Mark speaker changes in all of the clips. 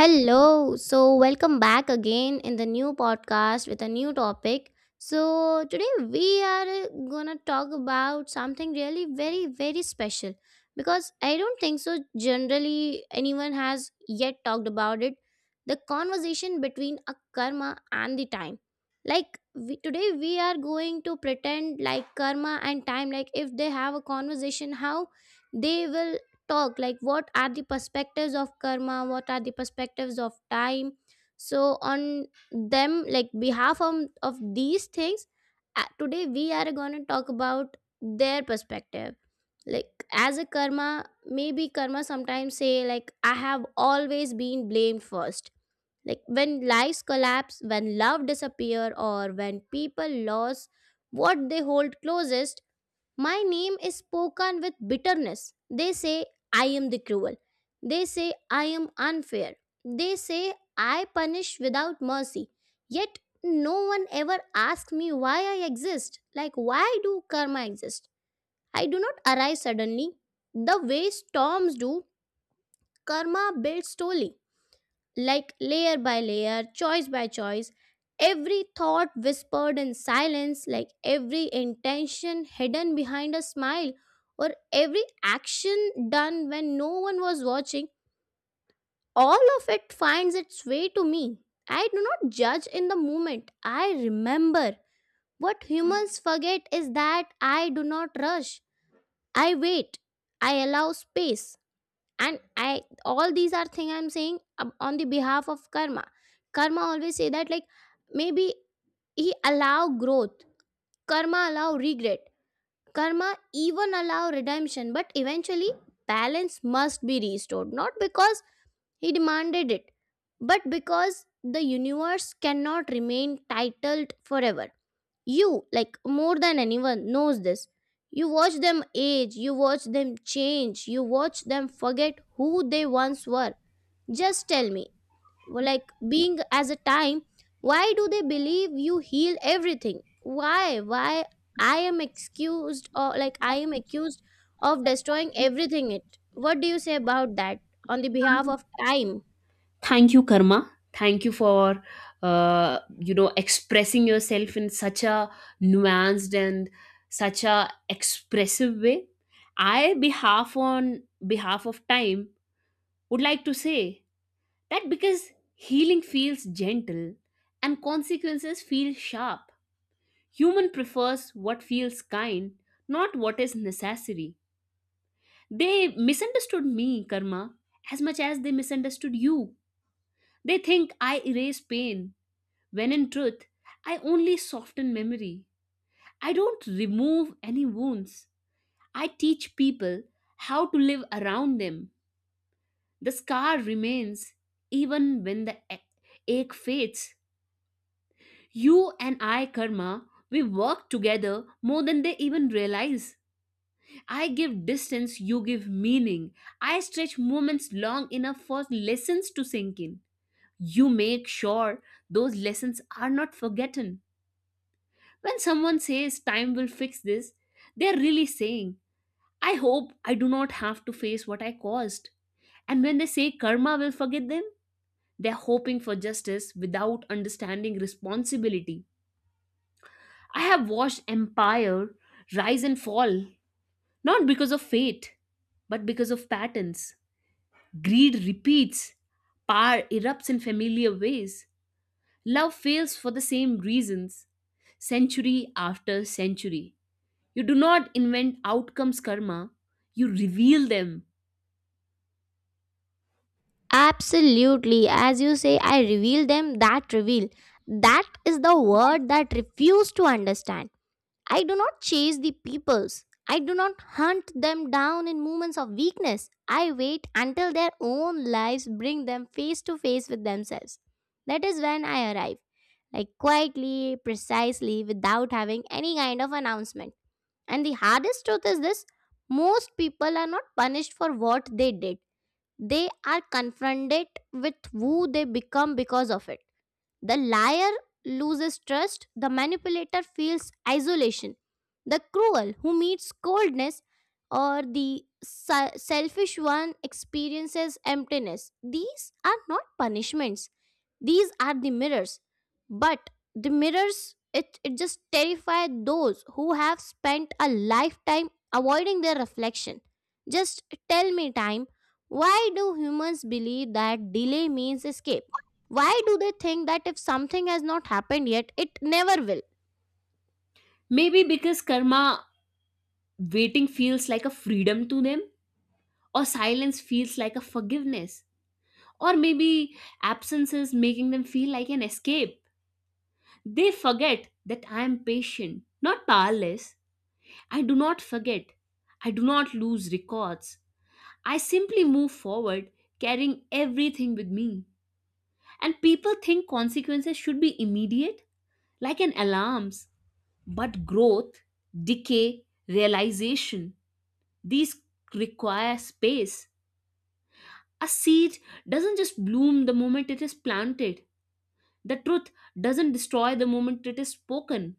Speaker 1: Hello. So, welcome back again in the new podcast with a new topic. So, today we are going to talk about something really very, very special because I don't think so generally anyone has yet talked about it. The conversation between a karma and the time. Like, today we are going to pretend like karma and time, like, if they have a conversation, how they will talk, like what are the perspectives of karma, what are the perspectives of time, so on them, like behalf of these things, today we are going to talk about their perspective, like as a karma. Maybe karma sometimes say, like I have always been blamed first, like when lives collapse, when love disappear, or when people lose what they hold closest. My name is spoken with bitterness. They say I am the cruel. They say I am unfair. They say I punish without mercy. Yet no one ever asks me why I exist. Like, why do karma exist? I do not arise suddenly. The way storms do, karma builds slowly, like layer by layer, choice by choice. Every thought whispered in silence, like every intention hidden behind a smile, or every action done when no one was watching, all of it finds its way to me. I do not judge in the moment, I remember. What humans forget is that I do not rush, I wait, I allow space. And I All these are thing I'm saying on the behalf of karma. Karma always say that, like, maybe he allow growth, karma allow regret, karma even allow redemption, but eventually balance must be restored, not because he demanded it, but because the universe cannot remain titled forever. You, like more than anyone, knows this. You watch them age, you watch them change, you watch them forget who they once were. Just tell me, like being as a time, why do they believe you heal everything? Why? Why I am excused, or like I am accused of destroying everything it? What do you say about that on the behalf of time?
Speaker 2: Thank you, Karma. Thank you for expressing yourself in such a nuanced and such a expressive way. I behalf On behalf of time would like to say that because healing feels gentle and consequences feel sharp. Human prefers what feels kind, not what is necessary. They misunderstood me, Karma, as much as they misunderstood you. They think I erase pain, when in truth, I only soften memory. I don't remove any wounds. I teach people how to live around them. The scar remains even when the ache fades. You and I, Karma, we work together more than they even realize. I give distance, you give meaning. I stretch moments long enough for lessons to sink in. You make sure those lessons are not forgotten. When someone says time will fix this, they're really saying, I hope I do not have to face what I caused. And when they say karma will forget them, they're hoping for justice without understanding responsibility. I have watched empire rise and fall, not because of fate, but because of patterns. Greed repeats, power erupts in familiar ways, love fails for the same reasons, century after century. You do not invent outcomes, karma, you reveal them.
Speaker 1: Absolutely. As you say, I reveal them, that reveal. That is the word that refuse to understand. I do not chase the peoples. I do not hunt them down in moments of weakness. I wait until their own lives bring them face to face with themselves. That is when I arrive, like quietly, precisely, without having any kind of announcement. And the hardest truth is this: most people are not punished for what they did, they are confronted with who they become because of it. The liar loses trust, the manipulator feels isolation, the cruel, who meets coldness, or the selfish one experiences emptiness. These are not punishments, these are the mirrors. But the mirrors, it just terrify those who have spent a lifetime avoiding their reflection. Just tell me, time, why do humans believe that delay means escape? Why do they think that if something has not happened yet, it never will?
Speaker 2: Maybe because karma waiting feels like a freedom to them, or silence feels like a forgiveness, or maybe absences making them feel like an escape. They forget that I am patient, not powerless. I do not forget. I do not lose records. I simply move forward, carrying everything with me. And people think consequences should be immediate, like an alarms. But growth, decay, realization, these require space. A seed doesn't just bloom the moment it is planted. The truth doesn't destroy the moment it is spoken.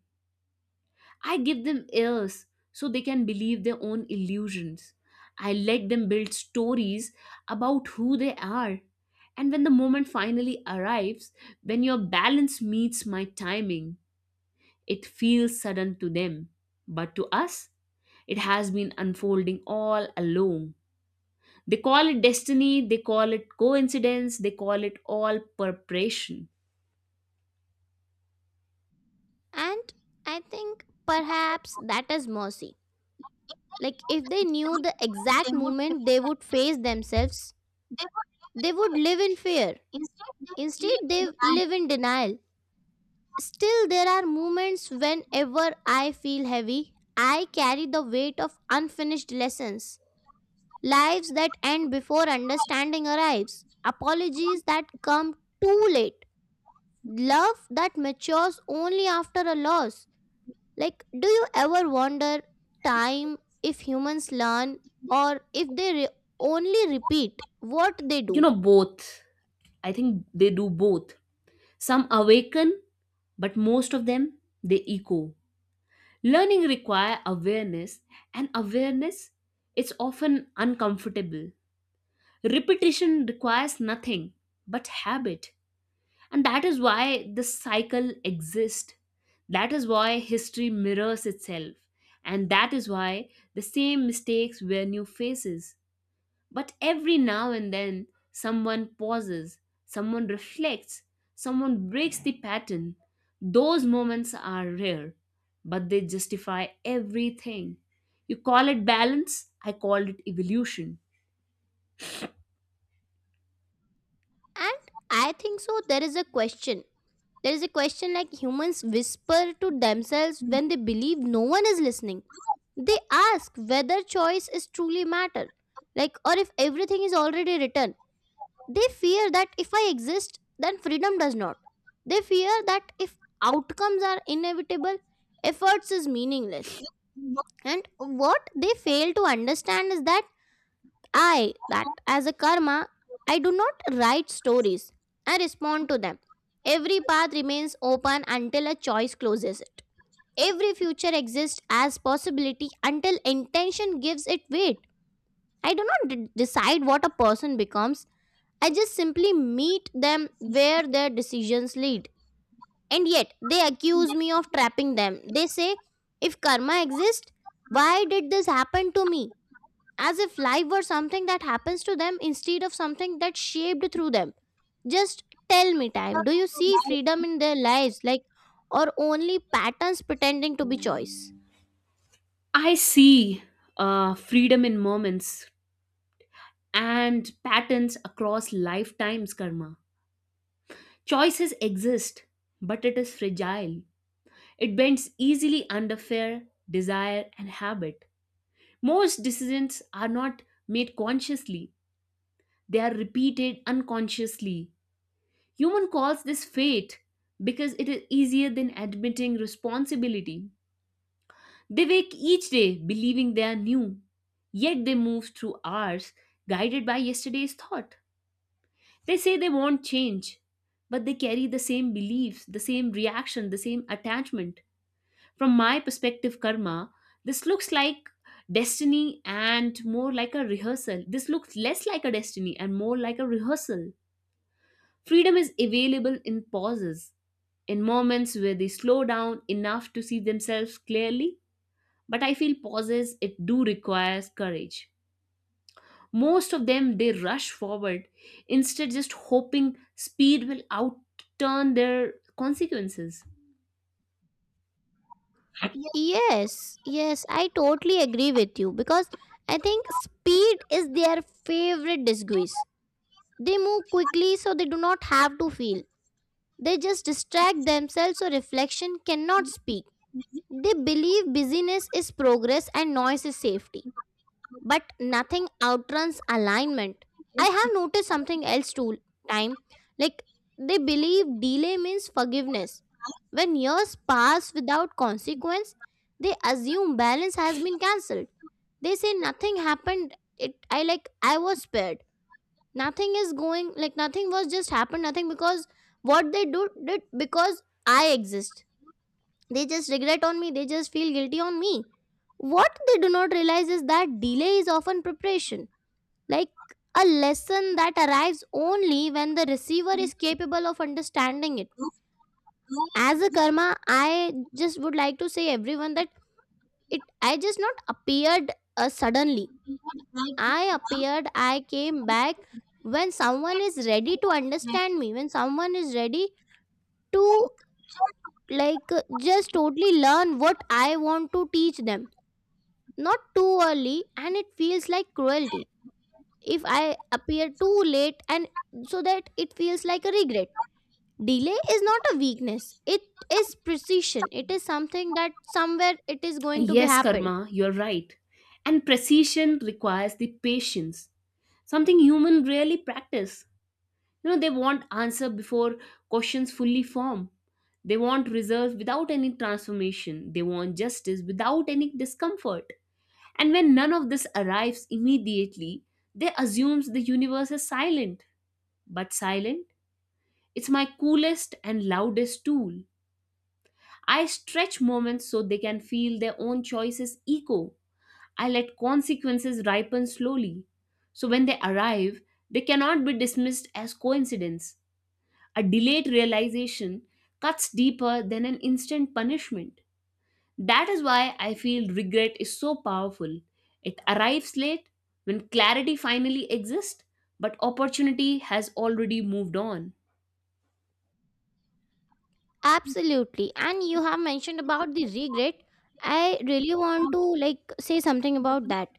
Speaker 2: I give them ears so they can believe their own illusions. I let them build stories about who they are. And when the moment finally arrives, when your balance meets my timing, it feels sudden to them. But to us, it has been unfolding all along. They call it destiny, they call it coincidence, they call it all preparation.
Speaker 1: And I think perhaps that is mercy. Like, if they knew the exact moment they would face themselves, they would live in fear. Instead, they live in denial. Still, there are moments whenever I feel heavy, I carry the weight of unfinished lessons, lives that end before understanding arrives, apologies that come too late, love that matures only after a loss. Like, do you ever wonder time, if humans learn, or if they only repeat what they
Speaker 2: You know,
Speaker 1: do?
Speaker 2: both. I think they do both. Some awaken, but most of them they echo. Learning require awareness and awareness is often uncomfortable. Repetition requires nothing but habit and that is why the cycle exists. That is why history mirrors itself and that is why the same mistakes wear new faces. But every now and then, someone pauses, someone reflects, someone breaks the pattern. Those moments are rare, but they justify everything. You call it balance, I call it evolution.
Speaker 1: And I think so, there is a question. There is a question, like humans whisper to themselves when they believe no one is listening. They ask whether choice is truly matter, like, or if everything is already written. They fear that if I exist, then freedom does not. They fear that if outcomes are inevitable, efforts is meaningless. And what they fail to understand is that I, that as a karma, I do not write stories. I respond to them. Every path remains open until a choice closes it. Every future exists as possibility until intention gives it weight. I do not decide what a person becomes. I just simply meet them where their decisions lead. And yet, they accuse me of trapping them. They say, if karma exists, why did this happen to me? As if life were something that happens to them instead of something that's shaped through them. Just tell me, time. Do you see freedom in their lives, like, or only patterns pretending to be choice?
Speaker 2: I see freedom in moments and patterns across lifetimes, karma. Choices exist, but it is fragile. It bends easily under fear, desire, and habit. Most decisions are not made consciously, they are repeated unconsciously. Human calls this fate because it is easier than admitting responsibility. They wake each day believing they are new, yet they move through hours guided by yesterday's thought. They say they want change, but they carry the same beliefs, the same reaction, the same attachment. From my perspective, karma, this looks like destiny and more like a rehearsal. This looks less like a destiny and more like a rehearsal. Freedom is available in pauses, in moments where they slow down enough to see themselves clearly. But I feel pauses, it do requires courage. Most of them, they rush forward instead just hoping speed will outturn their consequences.
Speaker 1: Yes, yes, I totally agree with you, because I think speed is their favorite disguise. They move quickly so they do not have to feel. They just distract themselves so reflection cannot speak. They believe busyness is progress and noise is safety. But nothing outruns alignment. I have noticed something else too, time. Like, they believe delay means forgiveness. When years pass without consequence, they assume balance has been cancelled. They say nothing happened. It, I, like I was spared, nothing is going, like nothing was just happened, nothing, because what they do did because I exist, they just regret on me, they just feel guilty on me. What they do not realize is that delay is often preparation, like a lesson that arrives only when the receiver is capable of understanding it. As a karma, I just would like to say everyone that it, I just not appeared suddenly. I appeared, I came back when someone is ready to understand me, when someone is ready to, like, just totally learn what I want to teach them. Not too early, and it feels like cruelty if I appear too late, and so that it feels like a regret. Delay is not a weakness, it is precision, it is something that somewhere it is going to be
Speaker 2: Yes,
Speaker 1: happened.
Speaker 2: Karma, you're right. And precision requires the patience, something human rarely practice. You know, they want answer before questions fully form. They want results without any transformation. They want justice without any discomfort. And when none of this arrives immediately, they assumes the universe is silent. But silent, it's my coolest and loudest tool. I stretch moments so they can feel their own choices echo. I let consequences ripen slowly. So when they arrive, they cannot be dismissed as coincidence. A delayed realization cuts deeper than an instant punishment. That is why I feel regret is so powerful. It arrives late when clarity finally exists, but opportunity has already moved on.
Speaker 1: Absolutely. And you have mentioned about the regret. I really want to, like, say something about that.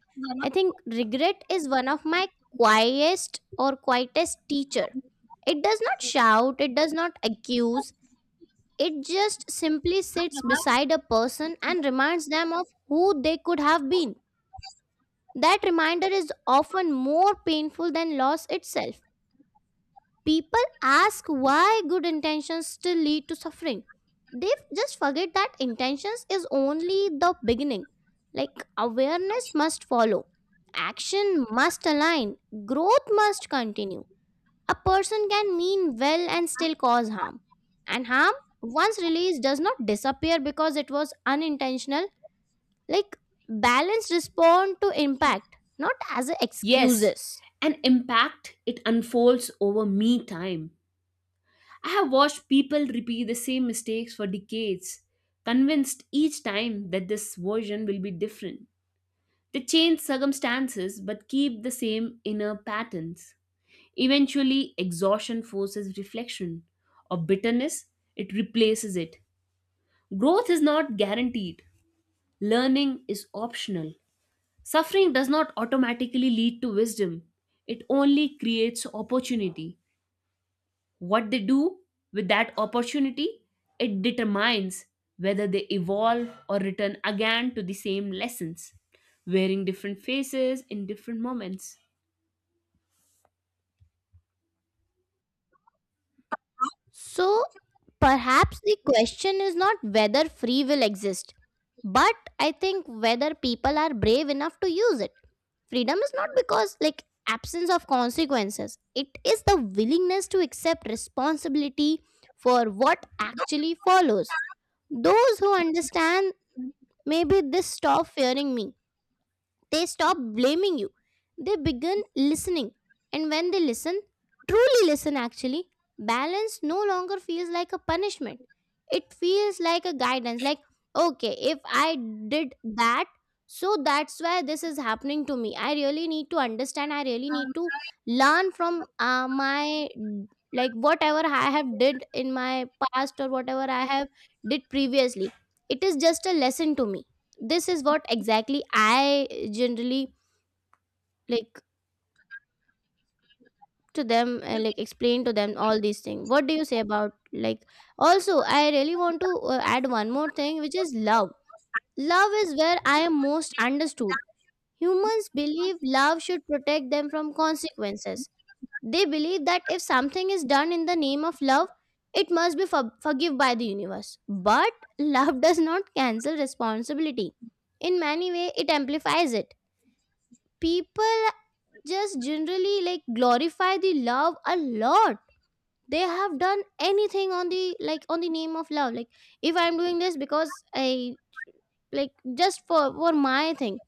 Speaker 1: I think regret is one of my quietest or quietest teacher. It does not shout, it does not accuse. It just simply sits beside a person and reminds them of who they could have been. That reminder is often more painful than loss itself. People ask why good intentions still lead to suffering. They just forget that intentions is only the beginning. Like, awareness must follow, action must align, growth must continue. A person can mean well and still cause harm. And harm, once released, does not disappear because it was unintentional. Like, balance respond to impact, not as a
Speaker 2: Yes,
Speaker 1: excuses.
Speaker 2: an impact it unfolds over me time. I have watched people repeat the same mistakes for decades, convinced each time that this version will be different. They change circumstances but keep the same inner patterns. Eventually, exhaustion forces reflection, or bitterness, it replaces it. Growth is not guaranteed, learning is optional. Suffering does not automatically lead to wisdom, it only creates opportunity. What they do with that opportunity, it determines whether they evolve or return again to the same lessons, wearing different faces in different moments.
Speaker 1: So perhaps the question is not whether free will exists, but I think whether people are brave enough to use it. Freedom is not because, like, absence of consequences. It is the willingness to accept responsibility for what actually follows. Those who understand maybe this stop fearing me, they stop blaming you. They begin listening. And when they listen, truly listen actually, balance no longer feels like a punishment. It feels like a guidance. Like, okay, if I did that, so that's why this is happening to me. I really need to understand. I really need to learn from my, like, whatever I have did in my past or whatever I have did previously. It is just a lesson to me. This is what exactly I generally, like, to them like, explain to them all these things. What do you say about, like, also, I really want to add one more thing, which is love. Love is where I am most understood. Humans believe love should protect them from consequences. They believe that if something is done in the name of love, it must be forgive by the universe. But love does not cancel responsibility. In many way, it amplifies it. People just generally, like, glorify the love a lot. They have done anything on the, like, on the name of love, like if I'm doing this because I, like, just for my thing.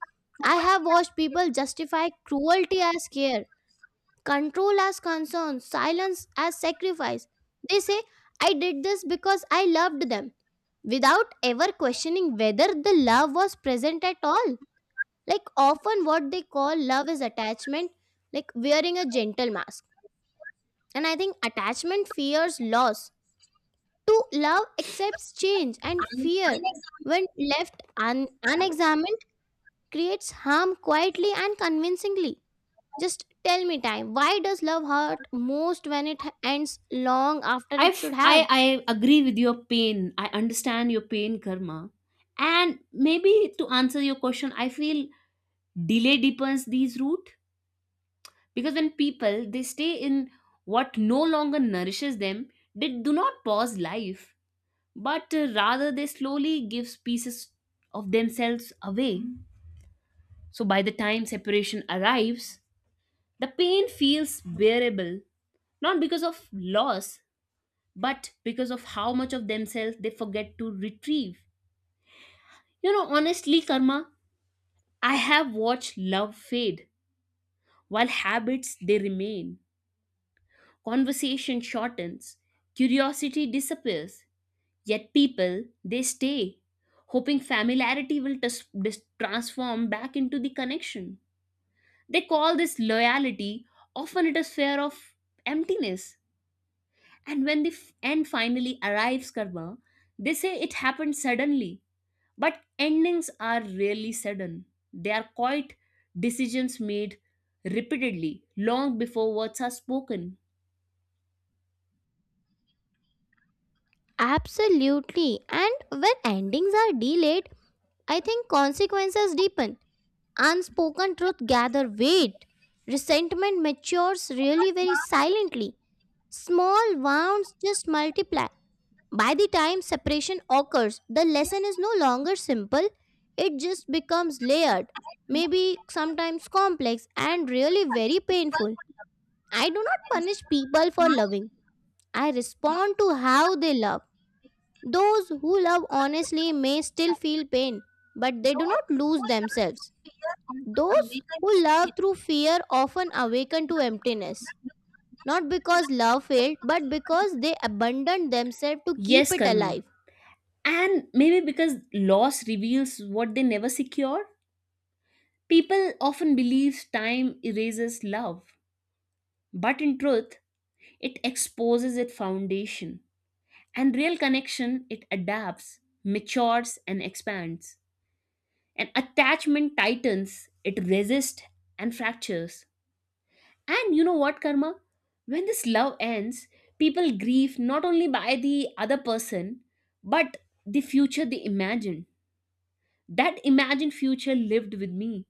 Speaker 1: I have watched people justify cruelty as care, control as concern, silence as sacrifice. They say, I did this because I loved them, without ever questioning whether the love was present at all. Like, often what they call love is attachment, like wearing a gentle mask. And I think attachment fears loss, to love accepts change. And fear, when left unexamined, creates harm quietly and convincingly. Just tell me time, why does love hurt most when it ends long after
Speaker 2: I,
Speaker 1: it should
Speaker 2: f- I,
Speaker 1: have?
Speaker 2: I agree with your pain. I understand your pain, Karma. And maybe to answer your question, I feel delay deepens these root because when people they stay in what no longer nourishes them, they do not pause life, but rather they slowly gives pieces of themselves away. So by the time separation arrives the pain feels bearable, not because of loss but because of how much of themselves they forget to retrieve. You know honestly karma, I have watched love fade while habits they remain. Conversation shortens, curiosity disappears. Yet people, they stay, hoping familiarity will transform back into the connection. They call this loyalty, often it is fear of emptiness. And when the end finally arrives, Karma, they say it happened suddenly. But endings are rarely sudden. They are quite decisions made repeatedly, long before words are spoken.
Speaker 1: Absolutely. And when endings are delayed, I think consequences deepen. Unspoken truth gather weight. Resentment matures really very silently. Small wounds just multiply. By the time separation occurs, the lesson is no longer simple. It just becomes layered, maybe sometimes complex and really very painful. I do not punish people for loving. I respond to how they love. Those who love honestly may still feel pain, but they do not lose themselves. Those who love through fear often awaken to emptiness, not because love failed, but because they abandoned themselves to keep
Speaker 2: Yes,
Speaker 1: it
Speaker 2: Karma.
Speaker 1: alive.
Speaker 2: And maybe because loss reveals what they never secure. People often believe time erases love, but in truth, it exposes its foundation. And real connection, it adapts, matures, and expands. And attachment tightens, it resists and fractures. And you know what, Karma? When this love ends, people grieve not only by the other person, but the future they imagined. That imagined future lived with me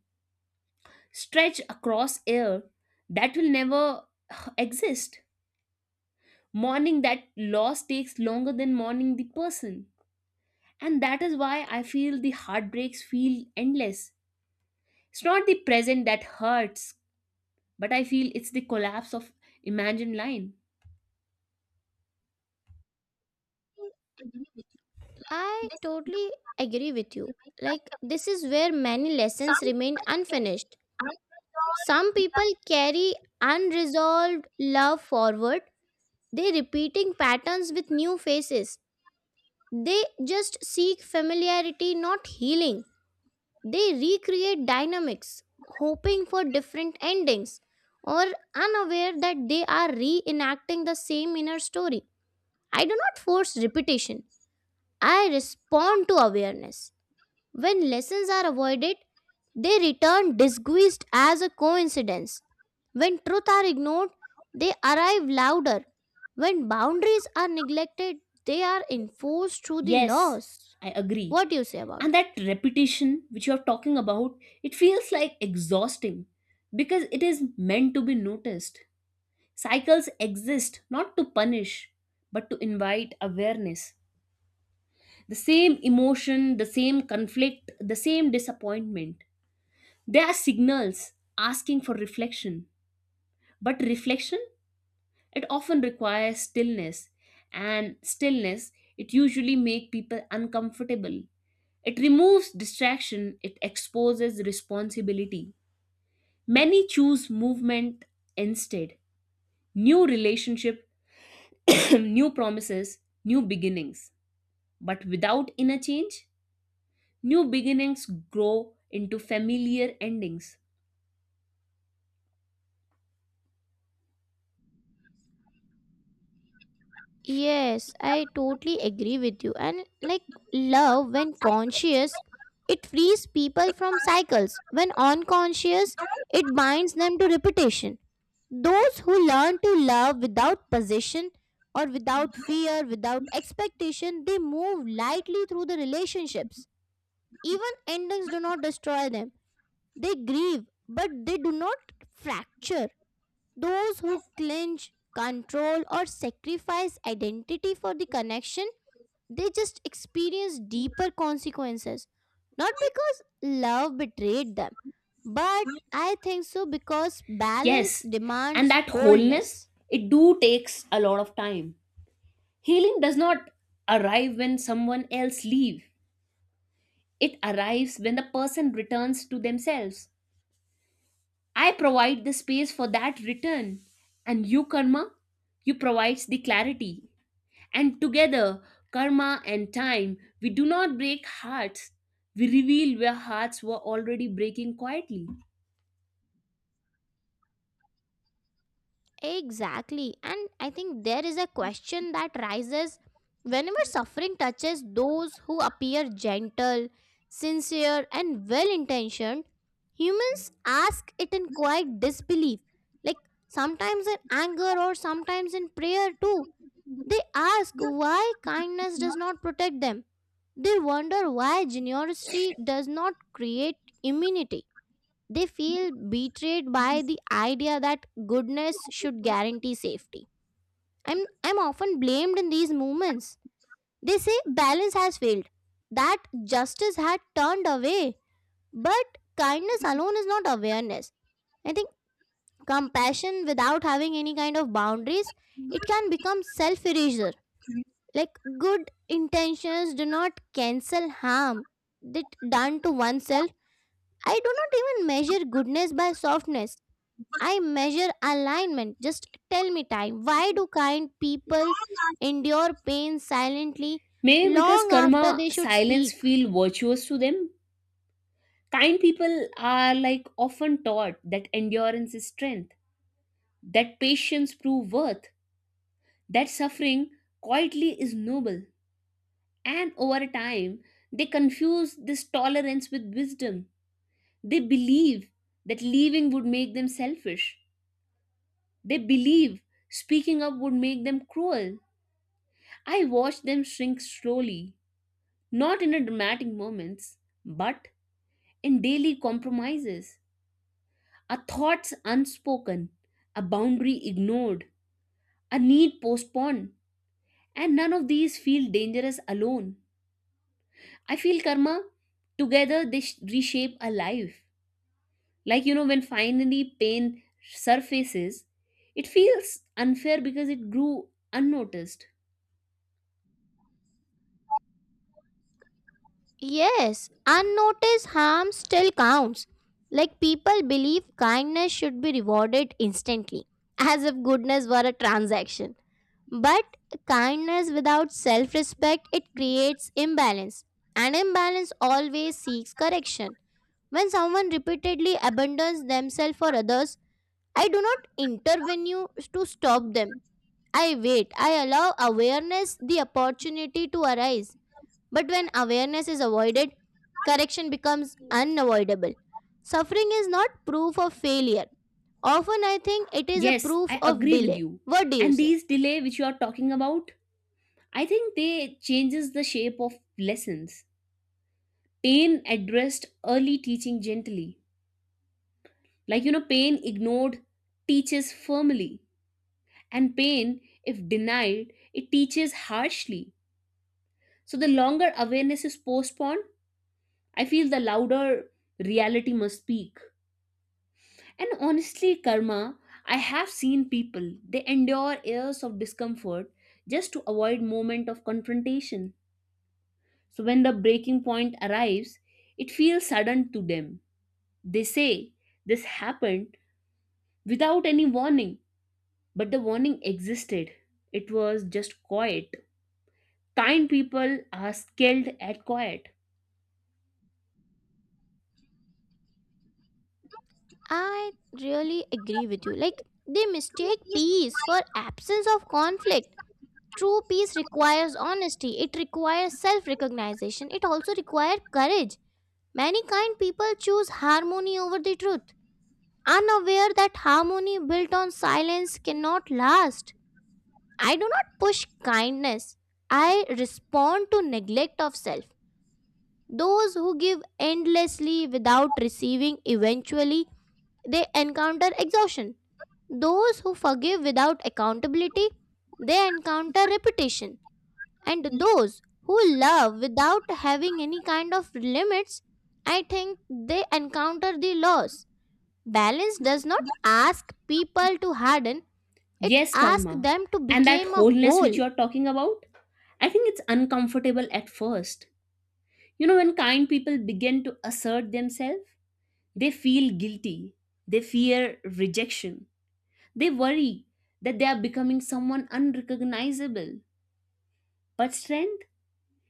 Speaker 2: stretch across air that will never exist. Mourning that loss takes longer than mourning the person. And that is why I feel the heartbreaks feel endless. It's not the present that hurts, but I feel it's the collapse of imagined line.
Speaker 1: I totally agree with you. Like, this is where many lessons remain unfinished. Some people carry unresolved love forward, they repeating patterns with new faces. They just seek familiarity, not healing. They recreate dynamics, hoping for different endings, or unaware that they are reenacting the same inner story. I do not force repetition, I respond to awareness. When lessons are avoided, they return disguised as a coincidence. When truth are ignored, they arrive louder. When boundaries are neglected, they are enforced through the
Speaker 2: Yes,
Speaker 1: laws.
Speaker 2: I agree.
Speaker 1: What do you say about
Speaker 2: And
Speaker 1: that?
Speaker 2: that repetition which you're talking about, it feels like exhausting because it is meant to be noticed. Cycles exist not to punish, but to invite awareness. The same emotion, the same conflict, the same disappointment. They are signals asking for reflection. But reflection, it often requires stillness. And stillness, it usually makes people uncomfortable. It removes distraction, it exposes responsibility. Many choose movement instead. New relationship, new promises, new beginnings. But without inner change, new beginnings grow into familiar endings.
Speaker 1: Yes, I totally agree with you. And like love, when conscious, it frees people from cycles. When unconscious, it binds them to repetition. Those who learn to love without possession or without fear, without expectation, they move lightly through the relationships. Even endings do not destroy them. They grieve, but they do not fracture. Those who clinch, control, or sacrifice identity for the connection, they just experience deeper consequences. Not because love betrayed them, but I think so because balance
Speaker 2: Yes, and
Speaker 1: demands
Speaker 2: that wholeness,
Speaker 1: wholeness.
Speaker 2: it do takes a lot of time. Healing does not arrive when someone else leave. It arrives when the person returns to themselves. I provide the space for that return and you karma, you provides the clarity. And together, karma and time, we do not break hearts. We reveal where hearts were already breaking quietly.
Speaker 1: Exactly. And I think there is a question that rises whenever suffering touches those who appear gentle, sincere, and well intentioned. Humans ask it in quiet disbelief, like sometimes in anger or sometimes in prayer too. They ask why kindness does not protect them. They wonder why generosity does not create immunity. They feel betrayed by the idea that goodness should guarantee safety. I'm often blamed in these movements. They say balance has failed, that justice had turned away. But kindness alone is not awareness. I think compassion without having any kind of boundaries, it can become self erasure. Like good intentions do not cancel harm that done to oneself. I do not even measure goodness by softness. I measure alignment. Just tell me time. Why do kind people endure pain silently
Speaker 2: Maybe because
Speaker 1: long after
Speaker 2: karma
Speaker 1: they should
Speaker 2: silence
Speaker 1: speak?
Speaker 2: feel virtuous to them. Kind people are like often taught that endurance is strength, that patience prove worth, that suffering quietly is noble. And over time, they confuse this tolerance with wisdom. They believe that leaving would make them selfish. They believe speaking up would make them cruel. I watch them shrink slowly, not in a dramatic moments, but in daily compromises. A thoughts unspoken, a boundary ignored, a need postponed, and none of these feel dangerous alone. I feel karma, together they reshape a life. Like, you know, when finally pain surfaces, it feels unfair because it grew unnoticed.
Speaker 1: Yes, unnoticed harm still counts. Like people believe kindness should be rewarded instantly, as if goodness were a transaction. But kindness without self respect it creates imbalance and imbalance always seeks correction when someone repeatedly abandons themselves for others I do not intervene to stop them. I wait. I allow awareness the opportunity to arise. But when awareness is avoided, correction becomes unavoidable. Suffering is not proof of failure. Often I think it is a
Speaker 2: Yes,
Speaker 1: proof
Speaker 2: I
Speaker 1: of
Speaker 2: agree with
Speaker 1: delay.
Speaker 2: you.
Speaker 1: What do you
Speaker 2: And
Speaker 1: say?
Speaker 2: these delay which you are talking about, I think they changes the shape of lessons. Pain addressed early teaching gently. Like you know, pain ignored teaches firmly. And pain, if denied, it teaches harshly. So the longer awareness is postponed, I feel the louder reality must speak. And honestly, karma, I have seen people, they endure years of discomfort just to avoid moment of confrontation. So when the breaking point arrives, it feels sudden to them. They say this happened without any warning, but the warning existed. It was just quiet. Kind people are skilled at quiet.
Speaker 1: I really agree with you. Like they mistake peace for absence of conflict. True peace requires honesty. It requires self recognition. It also requires courage. Many kind people choose harmony over the truth, unaware that harmony built on silence cannot last. I do not push kindness, I respond to neglect of self. Those who give endlessly without receiving eventually they encounter exhaustion. Those who forgive without accountability they encounter repetition, and those who love without having any kind of limits, I think they encounter the loss. Balance does not ask people to harden, it
Speaker 2: Yes,
Speaker 1: asks
Speaker 2: karma.
Speaker 1: them to
Speaker 2: And that
Speaker 1: become a
Speaker 2: wholeness which
Speaker 1: whole.
Speaker 2: you are talking about, I think it's uncomfortable at first. You know, when kind people begin to assert themselves, they feel guilty, they fear rejection, they worry that they are becoming someone unrecognizable. But strength,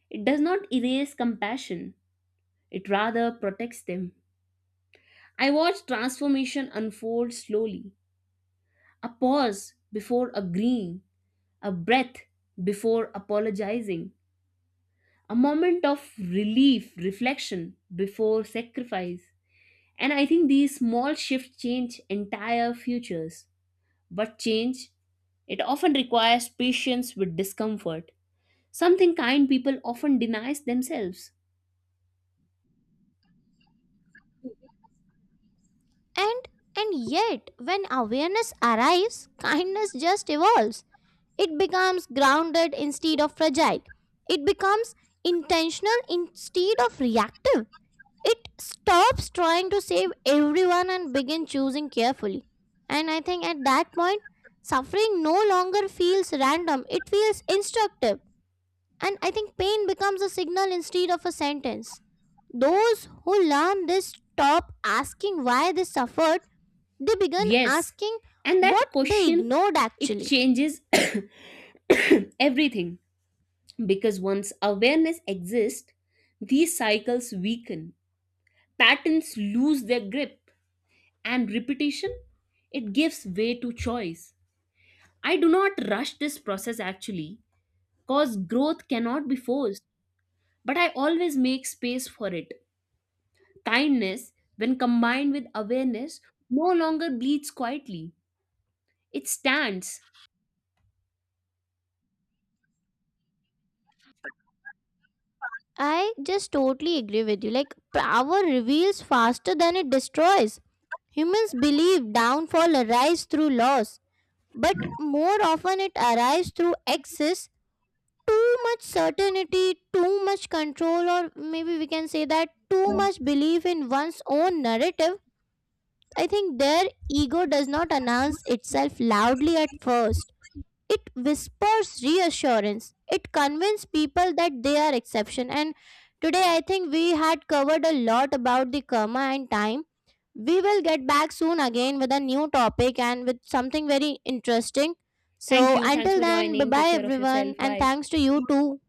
Speaker 2: it does not erase compassion, it rather protects them. I watch transformation unfold slowly: a pause before agreeing, a breath before apologizing, a moment of relief, reflection before sacrifice. And I think these small shifts change entire futures. But change, it often requires patience with discomfort, something kind people often denies themselves.
Speaker 1: And and yet when awareness arrives, kindness just evolves. It becomes grounded instead of fragile. It becomes intentional instead of reactive. It stops trying to save everyone and begin choosing carefully, and I think at that point suffering no longer feels random. It feels instructive, and I think pain becomes a signal instead of a sentence. Those who learn this stop asking why they suffered, they begin
Speaker 2: Yes,
Speaker 1: asking
Speaker 2: and that
Speaker 1: what they
Speaker 2: question,
Speaker 1: ignored
Speaker 2: it
Speaker 1: actually.
Speaker 2: changes everything because once awareness exists, these cycles weaken, patterns lose their grip, and repetition, it gives way to choice. I do not rush this process actually, cause growth cannot be forced but I always make space for it. Kindness, when combined with awareness, no longer bleeds quietly, it stands.
Speaker 1: I just totally agree with you. Like power reveals faster than it destroys. Humans believe downfall arrives through loss, but more often it arises through excess. Too much certainty, too much control, or maybe we can say that too much belief in one's own narrative. I think their ego does not announce itself loudly at first. It whispers reassurance. It convinces people that they are exception, and today I think we had covered a lot about the karma and time. We will get back soon again with a new topic and with something very interesting.
Speaker 2: Thank
Speaker 1: So,
Speaker 2: you. Thanks
Speaker 1: until
Speaker 2: for
Speaker 1: then, bye
Speaker 2: joining.
Speaker 1: bye
Speaker 2: Take care of
Speaker 1: everyone,
Speaker 2: yourself.
Speaker 1: and
Speaker 2: Bye.
Speaker 1: thanks to you too.